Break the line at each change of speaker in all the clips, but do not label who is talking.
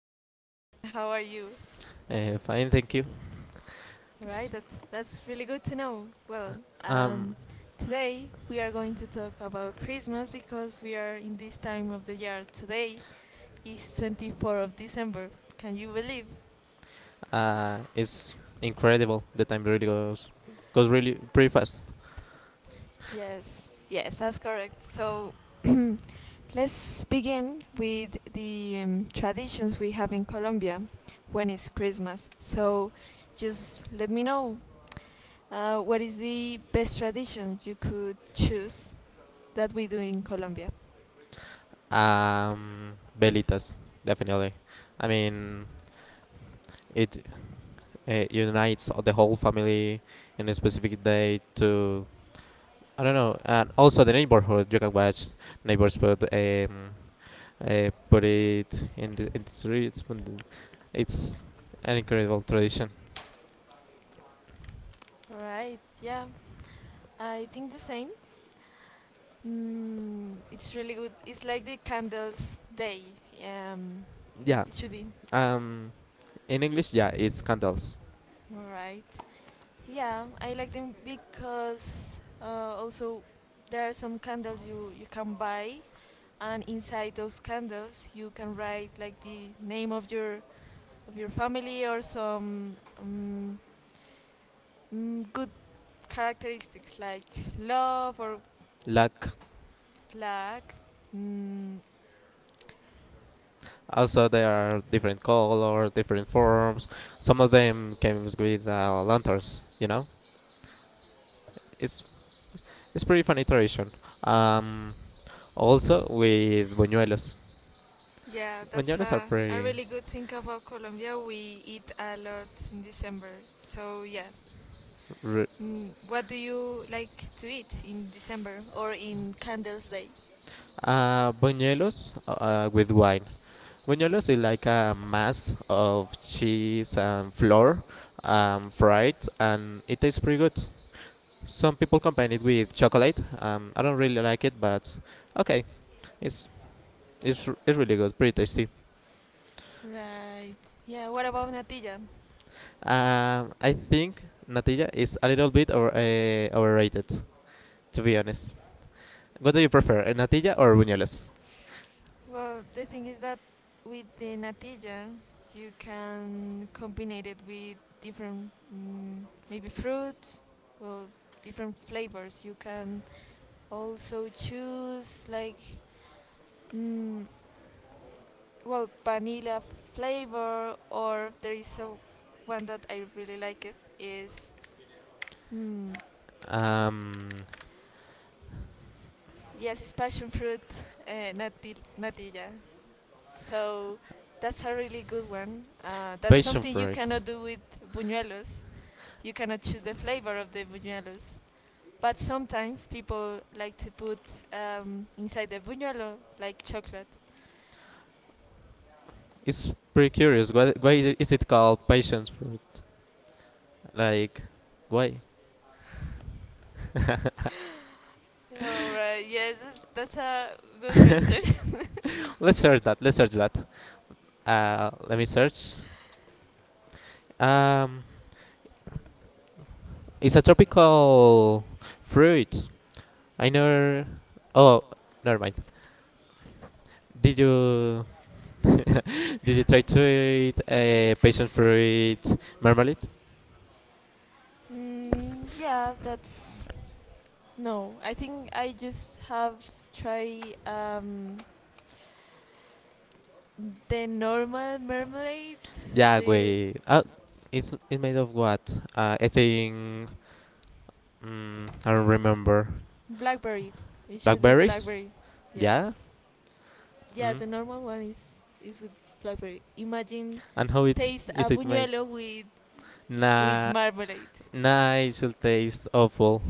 and hello Juan. How are you?
Fine, thank you.
Right,
S-
that's really good to know.
Um,
Um, Today we are going to talk about Christmas because we are in this time of the year. Today is 24th of December. Can you believe?
it's incredible. The time really goes really pretty fast.
Yes, that's correct. So let's begin with the traditions we have in Colombia when it's Christmas. So just let me know what is the best tradition you could choose that we do in Colombia.
Belitas, definitely. I mean, it unites the whole family in a specific day to I don't know, and also the neighborhood. You can watch neighbors put put it in the streets. It's an incredible tradition.
Right, yeah. I think the same. Mm, it's really good. It's like the candles day. Um,
Yeah.
It should be.
Um, in English, yeah, it's candles.
Right. Yeah, I like them because also there are some candles you can buy, and inside those candles you can write like the name of your family or some good characteristics like love or
Luck.
luck, mm.
Also, there are different colors, different forms. Some of them came with lanterns. You know, it's it's pretty fun iteration. Um, Also with buñuelos.
Yeah, that's
Buñuelos are
a
pretty.
really good thing about Colombia. We eat a lot in December. So, yeah.
ru-
Mm, what do you like to eat in December or in Candles Day?
Buñuelos with wine. Buñuelos is like a mass of cheese and flour, fried, and it tastes pretty good. Some people combine it with chocolate. I don't really like it, but okay, it's it's really good, pretty tasty.
Right. Yeah, what about natilla?
I think natilla is a little bit overrated, to be honest. What do you prefer, natilla or buñuelos?
Well, the thing is that with the natilla, you can combine it with different, maybe fruit, well, different flavors. You can also choose like mm, well vanilla flavor or there is a one that I really like it is mm,
Um,
yes it's passion fruit natilla, so that's a really good one that's
Passion
something you
fruit.
cannot do with buñuelos. You cannot choose the flavor of the buñuelos, but sometimes people like to put inside the buñuelo like chocolate.
It's pretty curious. Why is it called passion fruit? Like, why?
All right, yes, that's a good question.
Let's search that. Let's search that. Let me search. Um, it's a tropical fruit. I never. Oh, never mind. Did you Did you try to eat a passion fruit marmalade?
Yeah, that's no, I think I just have tried the normal marmalade,
Yeah,
the
wait. It's made of what? I think I don't remember.
blackberry. It should be
Blackberries?
blackberry. Yeah,
Yeah.
yeah.
Mm.
The normal one is with blackberry. Imagine
And how it's
taste a
is it made?
buñuelo with
Nah,
marmalade.
nah. It should taste awful.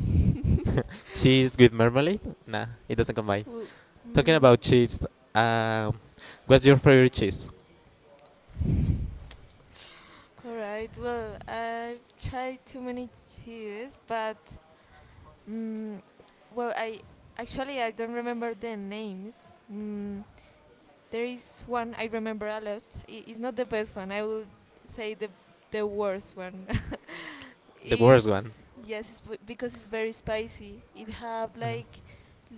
Cheese with marmalade? Nah, it doesn't combine.
Wo-
Talking
mm,
about cheese, um, what's your favorite cheese?
all right. Well, I've tried too many cheeses, but mm, well, I actually I don't remember the names. Mm, there is one I remember a lot. It's not the best one. I would say the worst one
The worst
is
one?
yes, it's because it's very spicy. It have
Uh,
like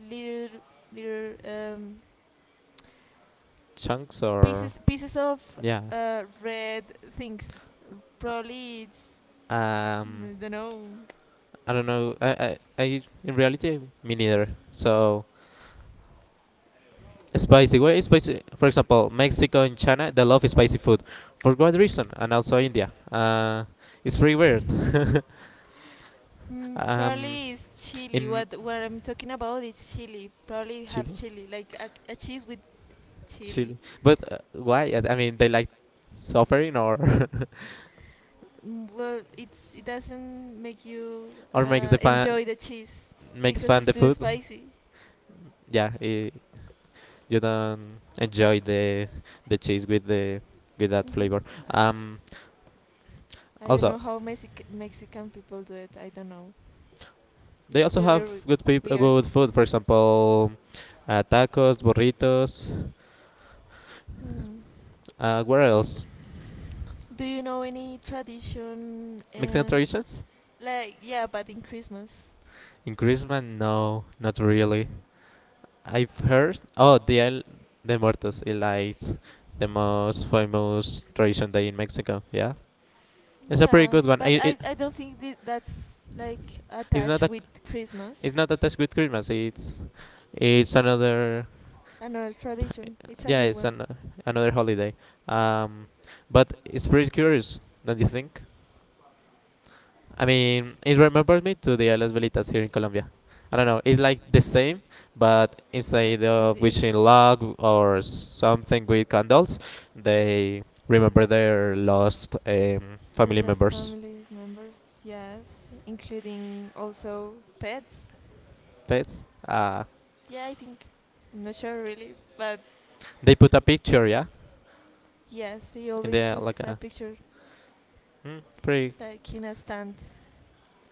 little little
Chunks or
pieces of
yeah?
red things. Probably it's
Um,
I don't know.
I don't know. I in reality, me neither. So spicy. Where is spicy? For example, Mexico and China, they love spicy food for what reason? And also India. It's pretty weird.
Mm,
Um,
probably it's chili.
in
What I'm talking about is chili. Probably have
Chile,
chili like a cheese with chili.
Chile. But why? I mean, they like suffering or
Mm, well, it's, it doesn't make you
or makes the fan
enjoy the cheese
makes
because
fun
it's
the
too
food.
spicy.
Yeah, I you don't enjoy the cheese with the with that
hmm
flavor. Um,
I don't
Also,
know how Mexican people do it. I don't know.
they
It's
also
really
have
re- Weird.
good food. For example, tacos, burritos.
Mm.
Where else?
Do you know any tradition?
Mexican traditions?
Like yeah, but in Christmas.
In Christmas? No, not really. I've heard. Oh, the El de Muertos. It likes the most famous tradition day in Mexico. Yeah, it's a pretty
Yeah,
good one.
but I don't think that's like
It's not
attached
a
with Christmas.
it's not attached with Christmas. It's another
Another tradition. It's a
yeah
good
it's
one.
an another holiday. Um, but it's pretty curious, don't you think? I mean, it remembers me to the Islas Velitas here in Colombia. I don't know. It's like the same, but instead of
It's,
wishing luck or
it's
something with candles, they remember their lost
the
family
lost
members'
family members, yes, including also pets.
pets.
Yeah, I think. I'm not sure really, but
They put a picture, yeah,
yes, they
and
always
they are
put
like
a
a
picture
mm, pretty
like in a stand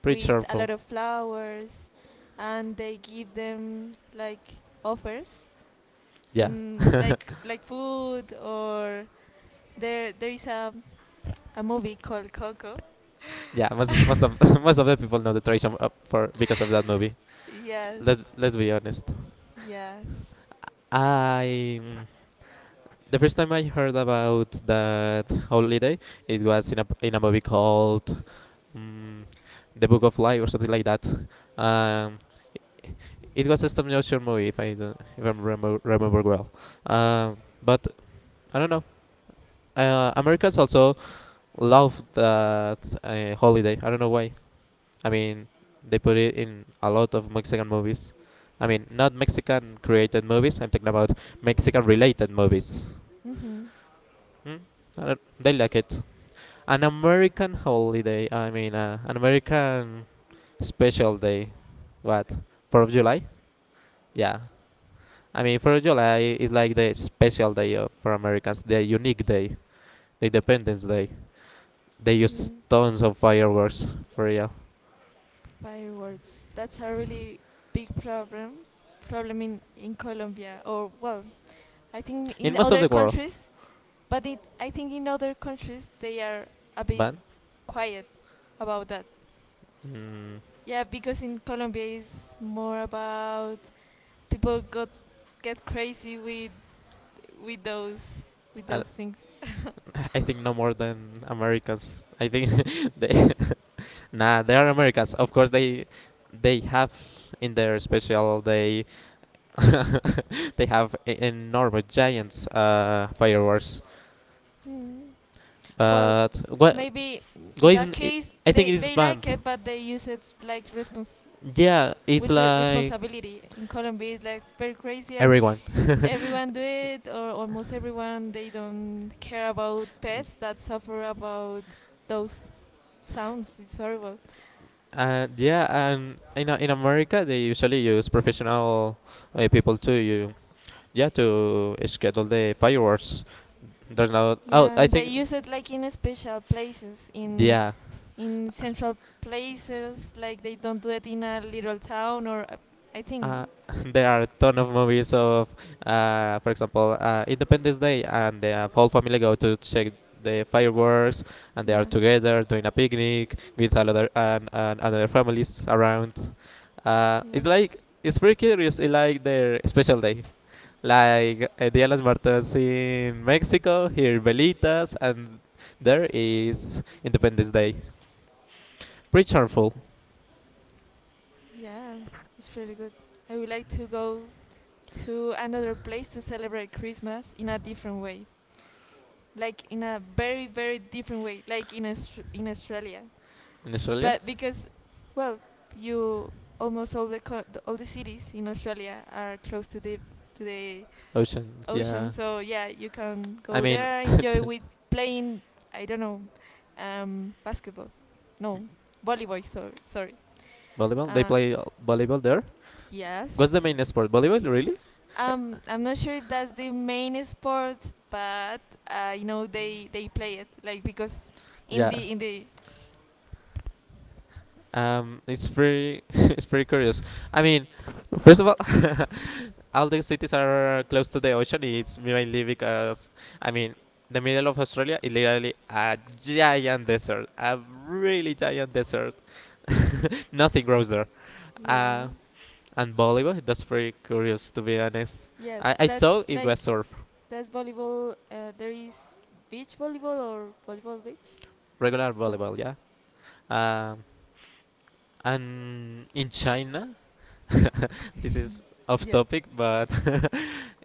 pretty
with a
cheerful.
lot of flowers, and they give them like offers,
Yeah,
mm, like food, or there is a movie called Coco.
yeah. Most most of Most of the people know the tradition for because of that movie.
Yes.
Let Let's be honest.
Yes.
I the first time I heard about that holiday, it was in a movie called um, The Book of Life or something like that. Um, i- it was a stop motion movie, if I don't, if I remember well. But I don't know. Americans also love that holiday. I don't know why. I mean, they put it in a lot of Mexican movies. I mean, not Mexican created movies. I'm talking about Mexican related movies.
Mm-hmm.
Hmm. I don't- they like it. An American holiday. I mean, an American special day. What? Fourth of July? Yeah. I mean, Fourth of July is like the special day of, for Americans, the unique day, the Independence Day. They use
Yeah.
tons of
Fireworks.
fireworks for real
That's a really big problem. Problem in Colombia, or well, I think
in
in
most of
other
the world,
countries, but it, I think in other countries they are a bit
but
quiet about that.
mm,
Yeah, because in Colombia is more about people got get crazy with with those with
I,
those things.
I think no more than Americans. I think they nah, they are Americans. Of course, they have in their special day they have enormous giants fireworks.
Mm. Well,
But
uh,
what
maybe in that
Goisen,
case
I think it is
they like
banned.
it, but they use it like respons
Yeah, it's
with the
like
responsibility in Colombia is like very crazy and
everyone.
everyone do it or almost everyone they don't care about pets that suffer about those sounds it's horrible.
And yeah, and in America they usually use professional people to you yeah to schedule the fireworks. There's no oh
Yeah,
I
and they
think
use it like in special places
yeah.
in central places like they don't do it in a little town or I think
Uh, there are a ton of movies of, for example, Independence Day, and the whole family go to check the fireworks, and they are
yeah.
together doing a picnic with another and other families around.
Yeah.
It's like it's pretty curious. It's like their special day, like Dia de los Muertos in Mexico, here Velitas, and there is Independence Day. Pretty harmful
Yeah, it's pretty good. I would like to go to another place to celebrate Christmas in a different way, like in a very very different way, like in in Australia.
in Australia.
But because, well, you almost all the, the all the cities in Australia are close to the
Oceans,
ocean,
yeah.
so yeah, you can
I
go
mean,
there, enjoy with playing. I don't know, basketball, no, volleyball. Sorry, sorry.
volleyball. They
Uh,
play volleyball there.
Yes.
What's the main sport? Volleyball, really?
I'm not sure if that's the main sport, but you know they play it like because
Yeah.
in the
It's pretty. It's pretty curious. I mean, first of all, all the cities are close to the ocean. It's mainly because, I mean, the middle of Australia is literally a giant desert, a really giant desert. Nothing grows there. Uh,
yes
and volleyball. That's pretty curious, to be honest. I,
yes
I thought
that's
it
like
was surf,
that's volleyball. There is beach volleyball or volleyball beach.
regular
So
volleyball. Yeah. Um, And in China, this is off
yeah.
topic, but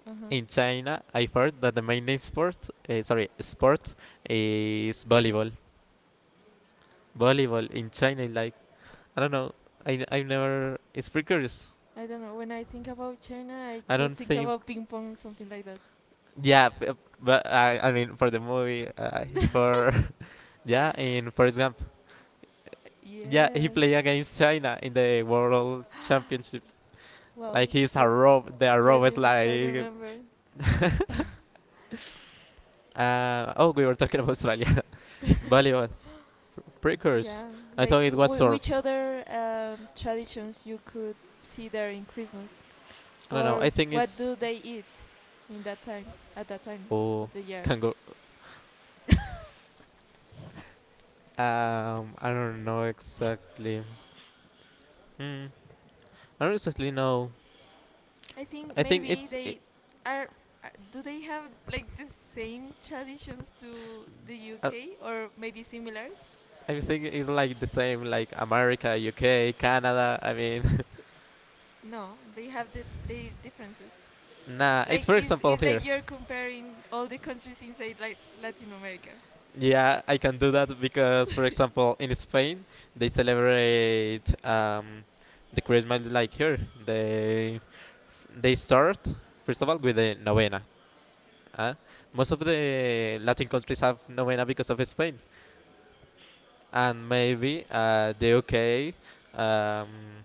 Uh huh.
in China, I've heard that the main sport, sport is volleyball. Volleyball in China, is like I don't know, I have never. It's precarious.
I don't know. When I think about China, I
I
could
don't
think
think.
about ping pong, something like that.
Yeah, but I mean for the movie, for yeah, in Forrest Gump. Yeah, he
yes.
played against China in the World Championship.
Well,
Like
yes,
he's a rob, they are
yes,
rob is
yes, yes, I
like
remember.
Oh, we were talking about Australia. Volleyball. Precursors.
Yeah,
I thought
like
it was surf.
which other
S-
traditions you could see there in Christmas,
I don't know.
or
I think
what
it's.
do they eat in that time at that time
Oh,
of the year?
kangaroo. I don't know exactly. Hmm. I don't exactly know.
I think
I think
maybe
it's.
they are. Do they have like the same traditions to the
Uh,
UK, or maybe similars?
I think it's like the same, like America, UK, Canada. I mean,
No, they have the, their differences.
nah. It's
Like
for example
it's
here.
like you're comparing all the countries inside like Latin America.
Yeah, I can do that because, for example, in Spain, they celebrate the Christmas like here. They they start first of all with the novena. Uh, Most of the Latin countries have novena because of Spain, and maybe the UK, um,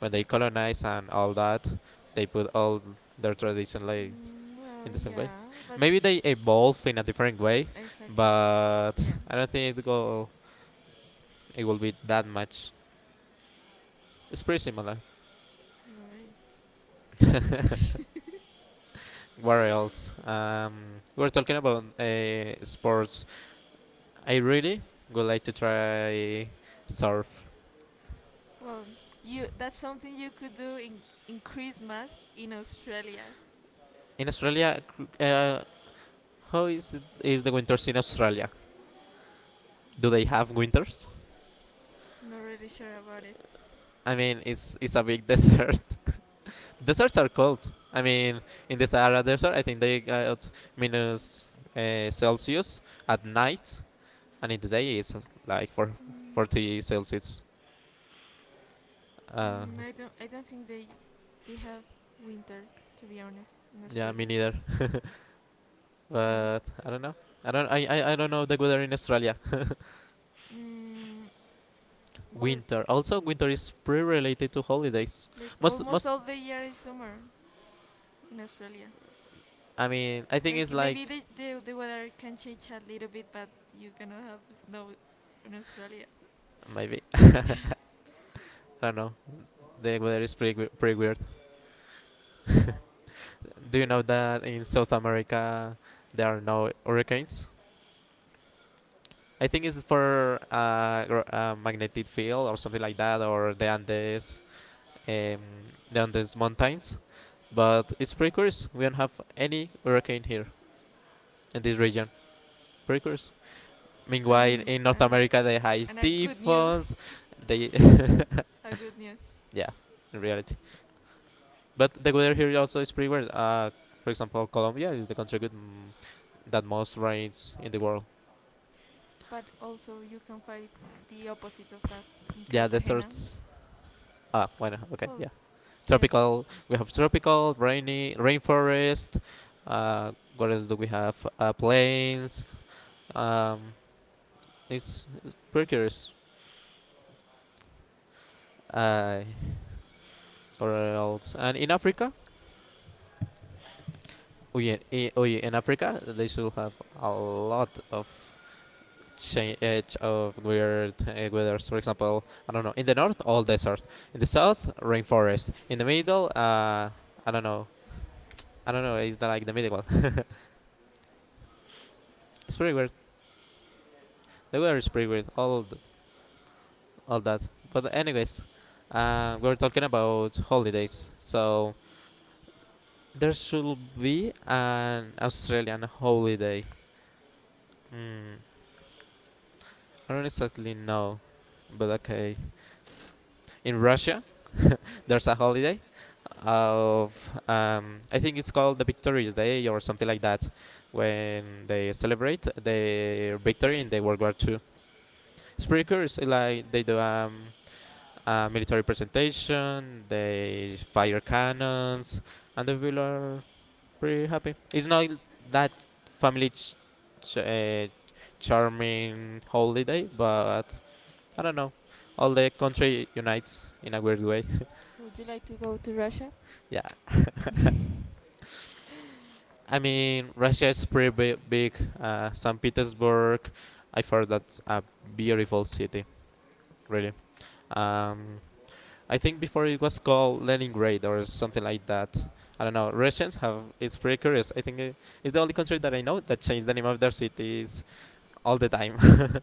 when they colonize and all that, they put all their tradition like
Well,
in the same way.
yeah, but
Maybe they evolve in a different way,
exactly,
but
yeah.
I don't think it will be that much. It's pretty similar.
Right.
What else? We're talking about sports. I really would like to try surf.
Well, you that's something you could do in Christmas in Australia.
In Australia, how is it, is the winters in Australia? Do they have winters?
Not really sure about it.
I mean, it's a big desert. Deserts are cold. I mean, in the Sahara Desert, I think they got minus Celsius at night, and in the day it's like for
Mm.
40 Celsius.
Like,
Uh,
mm, I don't think they have winter. To be honest, in yeah, me
Yeah, me
Australia.
neither.
No.
But I don't know. I don't. I don't know the weather in Australia.
Mm, well,
Winter. Also, winter is pretty related to
like
holidays.
isn't it?
Most.
Almost
Most.
all the year is summer in Australia.
I mean, I think
Like
it's
Like
like
maybe the weather can change a little bit, but you cannot have snow in Australia.
maybe. I don't know. The weather is pretty. Pretty weird. Do you know that in South America there are no hurricanes? I think it's for magnetic field or something like that, or the Andes. Down these mountains. But it's pretty curious. We don't have any hurricane here in this region. Pretty curious. Meanwhile,
Um,
in North
and,
America, they
and
have
a good news,
typhoons. They,
a good news.
yeah, in reality. But the weather here also is pretty weird. For example, Colombia is the country with that most rains in the world.
But also you can find the opposite of that in
Yeah,
Cartagena.
deserts. Ah, why not? Okay,
Well,
yeah.
yeah,
Tropical. We have tropical, rainy, rainforest. What else do we have? Plains. Um, It's burgers, uh, or else. And in Africa, oh yeah, in Africa they should have a lot of change of weird weathers. For example, I don't know. In the north, all desert. In the south, rainforest. In the middle, I don't know. I don't know. It's the, like the middle one. It's pretty weird. The weather is pretty weird. All that. But anyways, we're talking about holidays. So there should be an Australian holiday. Mm, I don't exactly know, but okay. In Russia, there's a holiday of I think it's called the Victorious Day or something like that, when they celebrate their victory in the World War Two. It's pretty curious. Like they do a military presentation, they fire cannons, and the people are pretty happy. It's not that family ch- ch- uh, charming holiday, but I don't know. All the country unites in a weird way.
uh, would you like to go to Russia?
Yeah. I mean, Russia is pretty big. Saint Petersburg, I heard that's a beautiful city, really. Um, I think before it was called Leningrad or something like that. I don't know. Russians have. It's pretty curious. I think it, it's the only country that I know that changed the name of their cities all the time.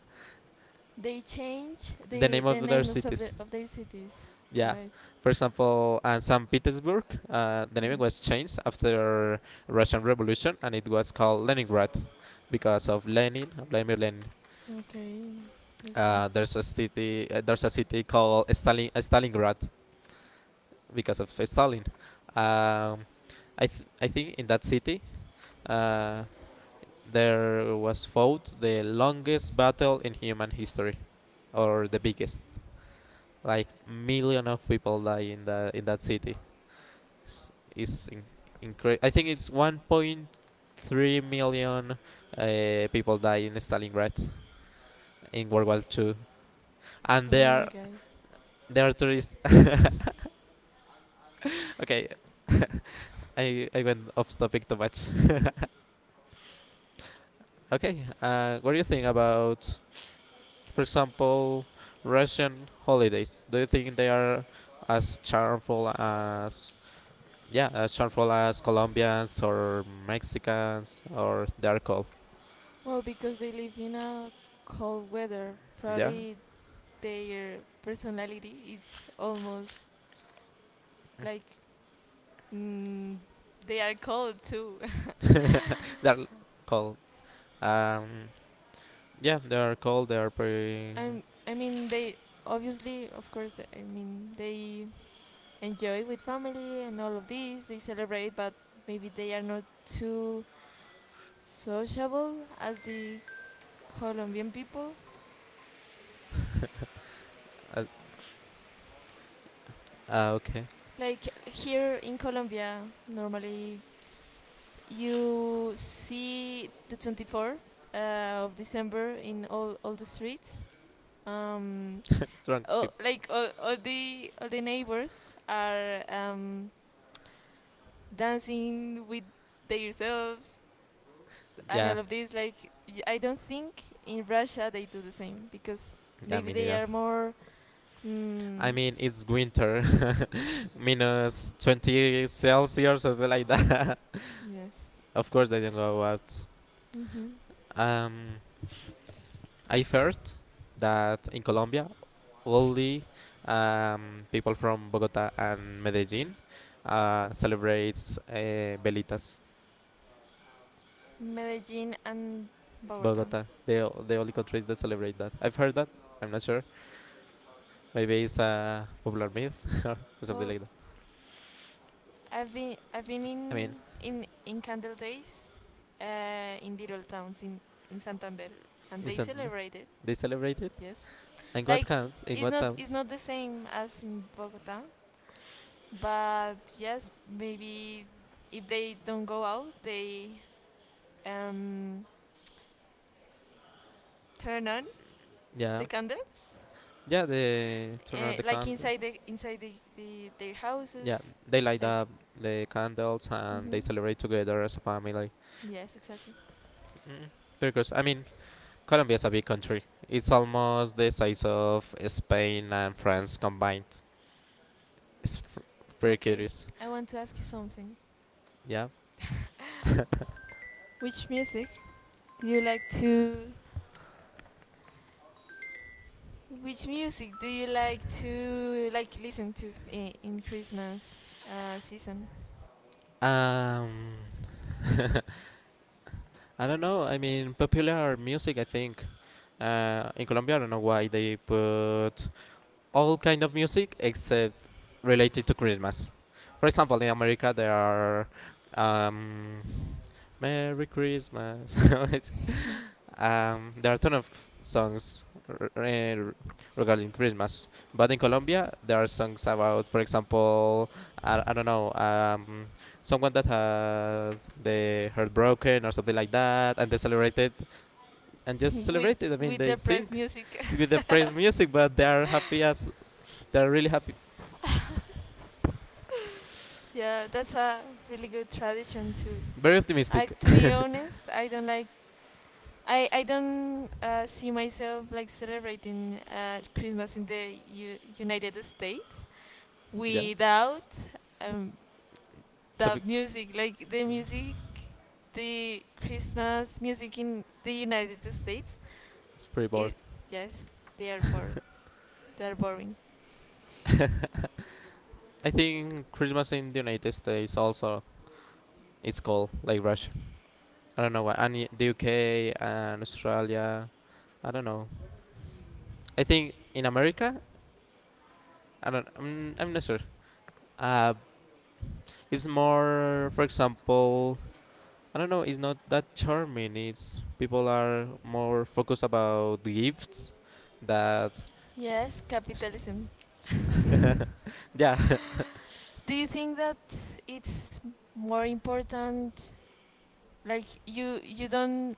They change
The
the,
name
the
of their
names of,
cities.
of their cities,
Yeah.
right?
For example, St. Petersburg, the name
Mhm.
was changed after Russian Revolution, and it was called Leningrad because of Lenin, Vladimir Lenin.
Uh, okay, that's all.
There's a city called Stalingrad because of Stalin. Um, I think in that city, uh, there was fought the longest battle in human history, or the biggest. Like million of people die in the in that city. s- is in, I think it's 1.3 million people die in Stalingrad in World War II, and
Oh my are, god.
they are tourists. Okay. I went off topic too much. Okay, what do you think about, for example, Russian holidays? Do you think they are as charmful as yeah, as charmful as Colombians or Mexicans or they are called?
Well, because they live in a cold weather,
Yeah.
probably their personality is almost like mm, they are cold too.
They're cold. Um, yeah, they are cold. They are pretty.
I I mean they obviously of course they, they enjoy with family and all of this they celebrate, but maybe they are not too sociable as the Colombian people.
Okay.
Like here in Colombia normally you see the 24th uh, of December in all the streets, um,
Drunk
oh,
people.
like all the neighbors are dancing with themselves and
Yeah,
all of this. Like I don't think in Russia they do the same because
yeah,
maybe
me
they
neither.
are more.
I
Mm,
mean, it's winter, minus 20 Celsius, something like that.
yes.
Of course, they don't go out.
hmm
Um, I've heard that in Colombia, only people from Bogota and Medellin celebrates velitas.
Medellin and Bogota.
Bogota, the only countries that celebrate that. I've heard that. I'm not sure. Maybe it's a popular myth or something
Well,
like that.
I've been
I mean,
in Candle Days, in little towns in Santander, and
in
they
Santander,
celebrate it.
they celebrate it.
Yes,
And what
like
counts? In what
it's
towns?
not the same as in Bogota, but yes, maybe if they don't go out, they um, turn on
Yeah,
the candles,
yeah, they turn on the
like
candle.
inside the their
Yeah,
houses,
they light
like.
up the candles and they
Mhm.
celebrate together as a family.
Yes, exactly.
Mm. Because I mean, Colombia is a big country. It's almost the size of Spain and France combined. It's pr- Pretty
Okay,
curious.
I want to ask you something.
Yeah.
Which music do you like to? Which music do you like to like listen to in Christmas season?
Um. I don't know. I mean, popular music. I think in Colombia. I don't know why they put all kind of music except related to Christmas. For example, in America there are um, Merry Christmas. It's- there are a ton of songs regarding Christmas, but in Colombia there are songs about, for example, I don't know, someone that had the heart broken or something like that, and they celebrated and just
with
celebrate it. I mean,
with
they sing
depressed music.
with the praise music, but they are happy as they are really happy,
Yeah, that's a really good tradition too.
very
I,
optimistic.
to be honest, I don't like. I don't see myself like celebrating Christmas in the United States
Yeah,
without um, the
topic
music, like the music, the Christmas music in the United States.
is pretty
It,
bored.
yes, they are bored. They are boring.
I think Christmas in the United States also it's cold like Russia. I don't know why, and y- the UK and Australia. I don't know. I think in America, I don't. I'm not sure. Uh, it's more, for example, I don't know, it's not that charming. It's people are more focused about gifts that
Yes, capitalism.
yeah.
Do you think that it's more important like you don't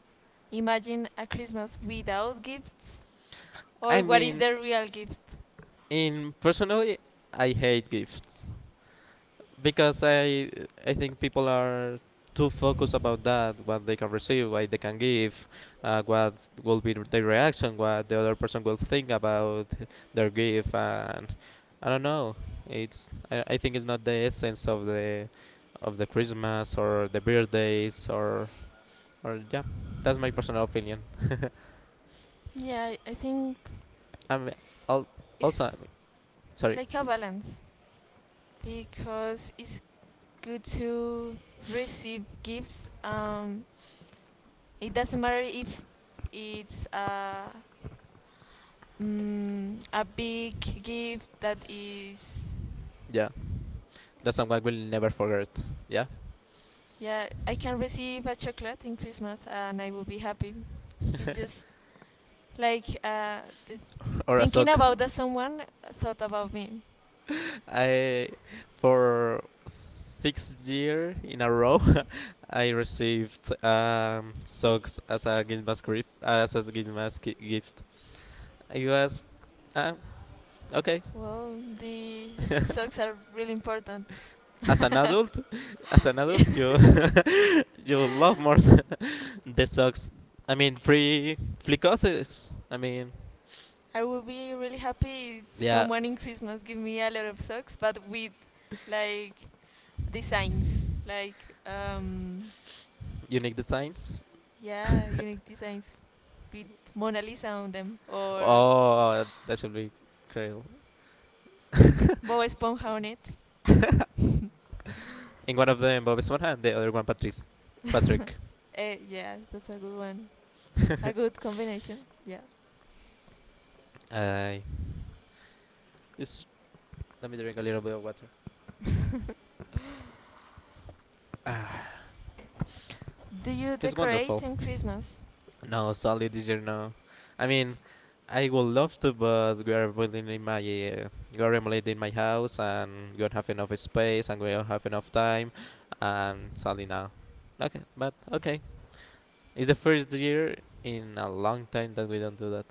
imagine a Christmas without gifts,
I
or what is
mean
the real gift?
in personally I hate gifts. Because I think people are too focused about that what they can receive, what they can give, what will be their reaction, what the other person will think about their gift, and I don't know. It's I think it's not the essence of the Christmas or the birthdays or yeah. That's my personal opinion.
Yeah, I think
I'm al- Also
it's it's
sorry.
like a balance because it's good to receive gifts. It doesn't matter if it's a a big gift that is
Yeah, that's something I will never forget. Yeah.
yeah. I can receive a chocolate in Christmas and I will be happy. It's just like th-
Or a
thinking
sock.
about that someone thought about me.
I for 6 year in a row I received socks as a gift mask gift as a gift mask gift. I was um, okay.
Well, the socks are really important.
As an adult, as an
Yeah.
adult, you you love more the socks. I mean, free flicotes. I mean,
I would be really happy if
yeah,
someone in Christmas give me a lot of socks, but with like designs, like
unique designs.
yeah, unique designs with Mona Lisa on them or
Oh, that should be incredible.
Bob Esponja on it.
And one of them Bob Esponja, and the other one Patrice, Patrick.
Yeah, that's a good one. A good combination. Yeah.
I this. Let me drink a little bit of water. Ah,
Do you
it's
decorate
wonderful.
in Christmas?
No, sorry, teacher. No, I mean, I would love to, but we are building in my, we are renovating my house, and we don't have enough space, and we don't have enough time, and sadly now. Okay, it's the first year in a long time that we don't do that.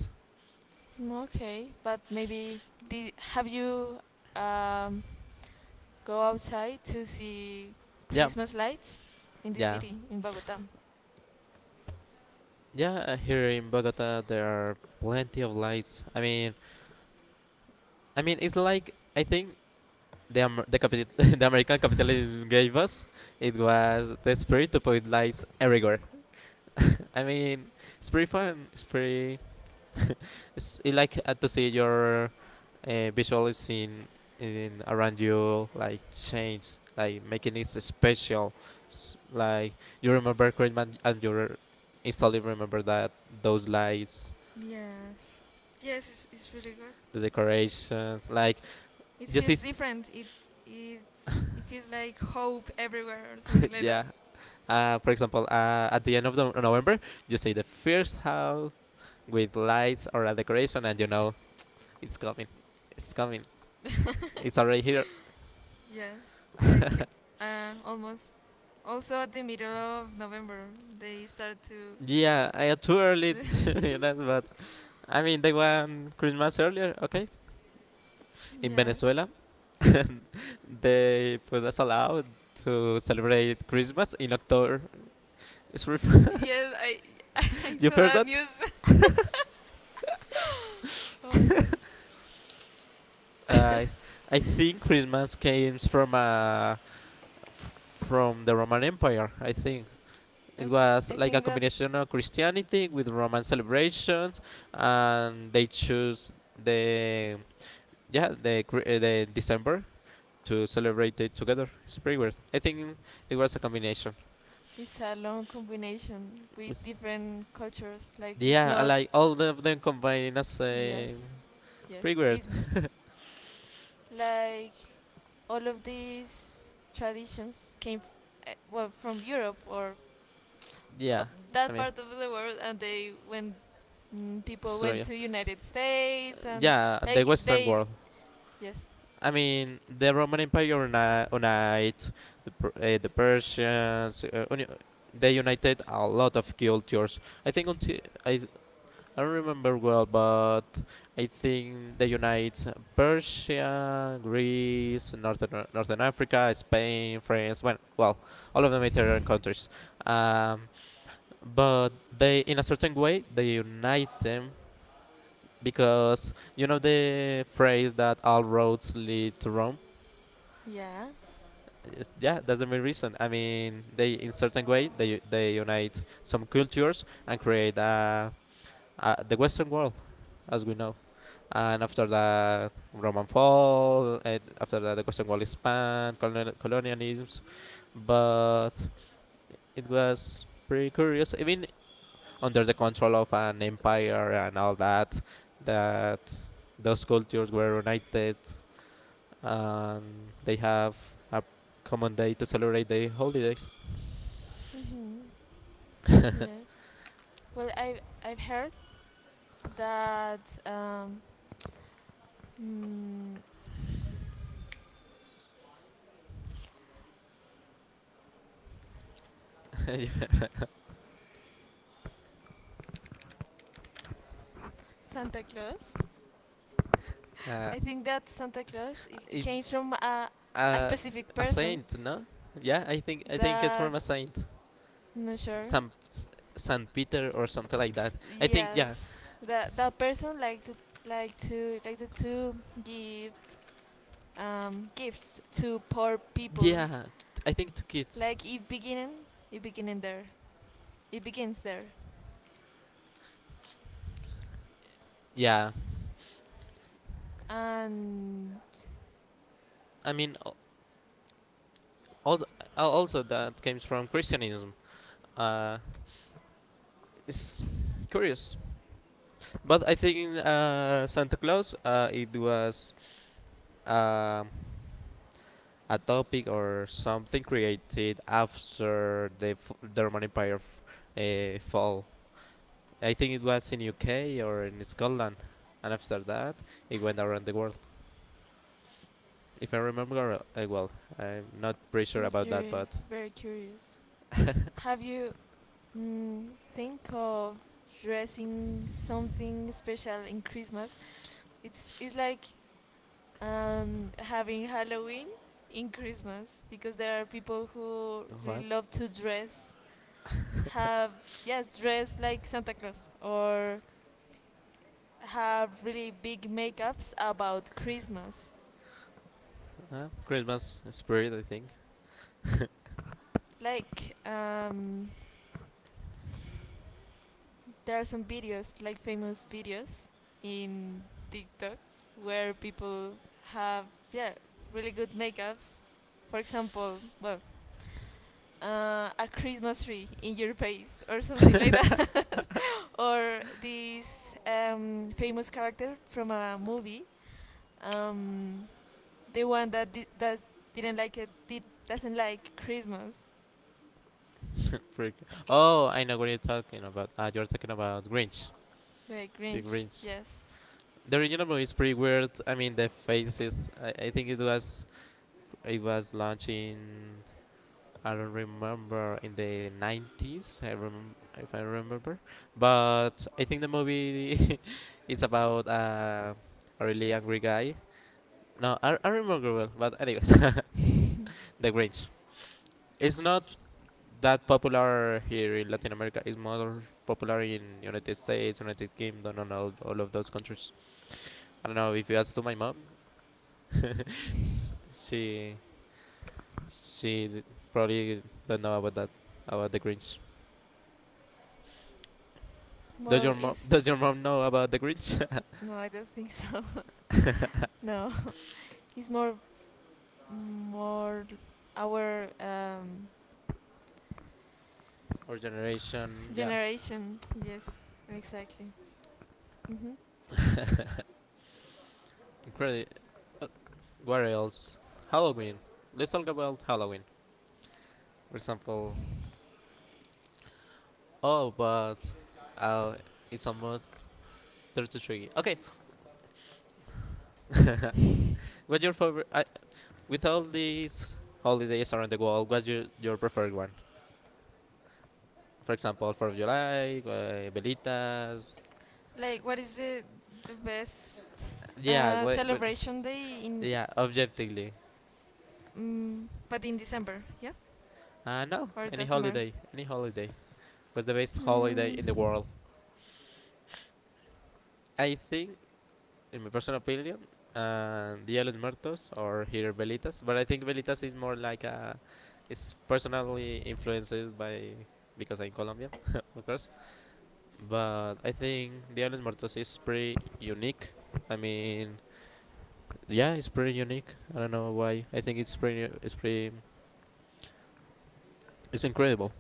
Mm, okay, but maybe did, have you um, go outside to see
Yeah,
Christmas lights in the
yeah,
city in Bogota?
yeah. Here in Bogota, there are plenty of lights. I mean, it's like I think the, Amer- the, capital- the American capitalism gave us, it was the spirit to put lights everywhere. I mean, it's pretty fun. It's pretty. It's it like to see your visual scene in around you like change, like making it special. Like you remember Christmas and instantly remember that those lights,
Yes. Yes, it's really good.
the decorations, like
It
this
feels
is
different. It it feels like hope everywhere or something like
yeah
that.
for example, at the end of the November, you see the first house with lights or a decoration, and you know it's coming, it's coming, it's already here.
Yes. Like almost also at the middle of November they start
Yeah, I too early,
to
you know, but I mean they want Christmas earlier, okay? In
yes.
Venezuela, they put us allowed to celebrate Christmas in October. It's re-
Yes, I I
you
saw
heard
that
that?
news. Oh my god.
Uh, I I think Christmas came from the Roman Empire. I think
I,
it
th-
was
I
like a
think that
combination of Christianity with Roman celebrations, and they choose the yeah the Cri- the December to celebrate it together. It's pretty weird. I think it was a combination.
it's a long combination with
It's,
different cultures. Like it's
yeah, I
not.
like all of them combined as a
Yes, yes.
pretty weird.
It's like all of these traditions came well from Europe or uh,
Yeah, I
that
mean
part of the world, and they went. People went
Australia.
to United States and
Yeah, the
like
Western
they.
world.
Yes.
I mean, the Roman Empire uni- unite the Persians. They united a lot of cultures. I think until I I don't remember well, but I think they unite Persia, Greece, Northern Africa, Spain, France. Well, all of the Mediterranean countries. Um, but they, in a certain way, they unite them because you know the phrase that all roads lead to Rome.
Yeah.
Yes, yeah, that's the main reason. I mean they in certain way they unite some cultures and create the Western world as we know, and after the Roman fall and after that the Western world expand colonialisms, but it was pretty curious even under the control of an empire and all that that those cultures were united and they have a common day to celebrate their holidays.
hmm
uh,
Yes. Well, I I've heard that mm, Santa Claus. I think that Santa Claus it
it,
came from a
uh,
specific
a
person.
saint, no? Yeah, I think it's
That
from a saint,
not
S-
sure.
Saint S- San Peter or something like that. I think
Yes,
yeah,
that that person liked like to give gifts to poor people.
yeah. I think to kids.
Like it beginning there, it begins there.
Yeah,
And
I mean also also that comes from Christianism. Uh, it's curious, but I think Santa Claus it was. Uh, a topic or something created after the Roman Empire fall. I think it was in UK or in Scotland, and after that it went around the world. If I remember well, I'm not pretty sure
I'm
about that, but
very curious. Have you mm, think of dressing something special in Christmas? It's like having Halloween in Christmas because there are people who
what?
really love to dress, have yes, dress like Santa Claus or have really big makeups about Christmas,
Christmas spirit, I think.
like there are some videos, like famous videos in TikTok, where people have yeah really good makeups. For example, well, a Christmas tree in your face or something like that, or this famous character from a movie, um, the one that that didn't like it, did doesn't like Christmas,
Pretty cool. Oh, I know what you're talking about. You're talking about
the Grinch.
Grinch.
Yes,
The original movie is pretty weird. I mean, the faces. I think it was launching. I don't remember, in the 90s. I remember if I remember, but I think the movie is about a really angry guy. No, I remember well. But anyways, the Grinch. It's not that popular here in Latin America. It's more popular in United States, United Kingdom, and all of those countries. I don't know if you ask to my mom, s- she she probably don't know about that about the Grinch.
well, is
Does your mom know about the Grinch?
no, I don't think so. No. It's more our
Our generation, yeah.
generation. Yes, exactly. hmm
Incredible. Where else? Halloween. Let's talk about Halloween. For example, oh, but uh, it's almost 33. Okay. What's your favorite? With all these holidays around the world, what's your preferred one? For example, 4th of July, Velitas.
Like, what is the best
Yeah, what, what,
celebration day in?
yeah, objectively.
Mm, but in December, yeah,
No,
or it
any
doesn't matter.
holiday. Any holiday. What's the best holiday
Mm,
in the world? I think in my personal opinion, Dia de los Muertos or here Velitas. But I think Velitas is more like a, it's personally influenced by because I'm Colombian, of course. But I think Dia de los Muertos is pretty unique. I mean, yeah, it's pretty unique. I don't know why. I think it's pretty, it's pretty, It's incredible.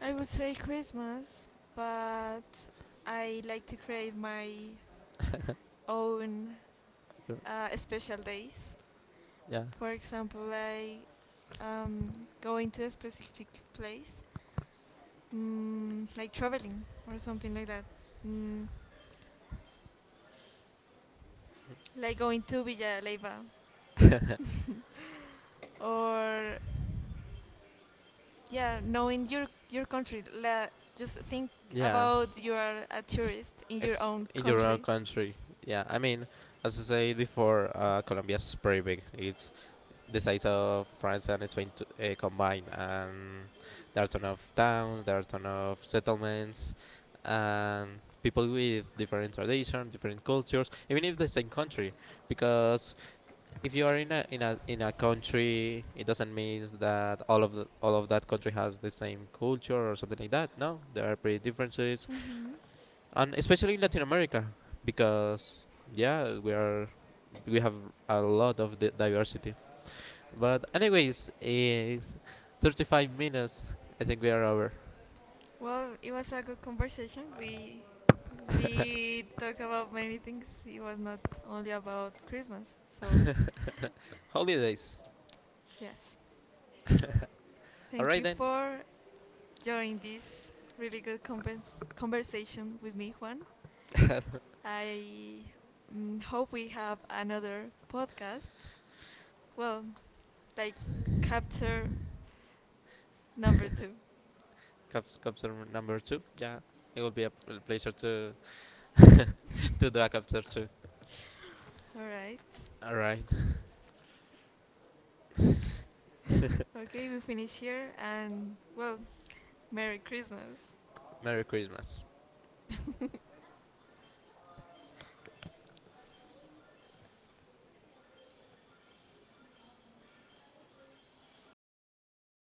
I would say Christmas, but I like to create my own
You're-
special days.
yeah,
For example, like um, going to a specific place, like traveling or something like that, mm, like going to Villa Leiva, or yeah, knowing your country. La, just think
yeah.
about you are a
It's,
tourist in your
it's
own
in your own
country.
country. Yeah, I mean, as I said before, Colombia is pretty big. It's the size of France and Spain to, combined, and there are ton of towns, there are ton of settlements, and people with different traditions, different cultures, even if the same country. Because if you are in a in a in a country, it doesn't mean that all of all of that country has the same culture or something like that. No, there are pretty differences,
Mhm.
and especially in Latin America, because yeah, we have a lot of diversity. But anyways, it's 35 minutes. I think we are over.
Well, it was a good conversation. We talk about many things. It was not only about Christmas. So
Holidays.
yes,
All
thank
right
you
then.
for joining this really good conversation with me, Juan. I hope we have another podcast. Well, like capture number two.
Comes number 2. Yeah, it will be a pleasure to do a chapter 2.
All right.
All right.
Okay, we finish here, and well, Merry Christmas.
Merry Christmas.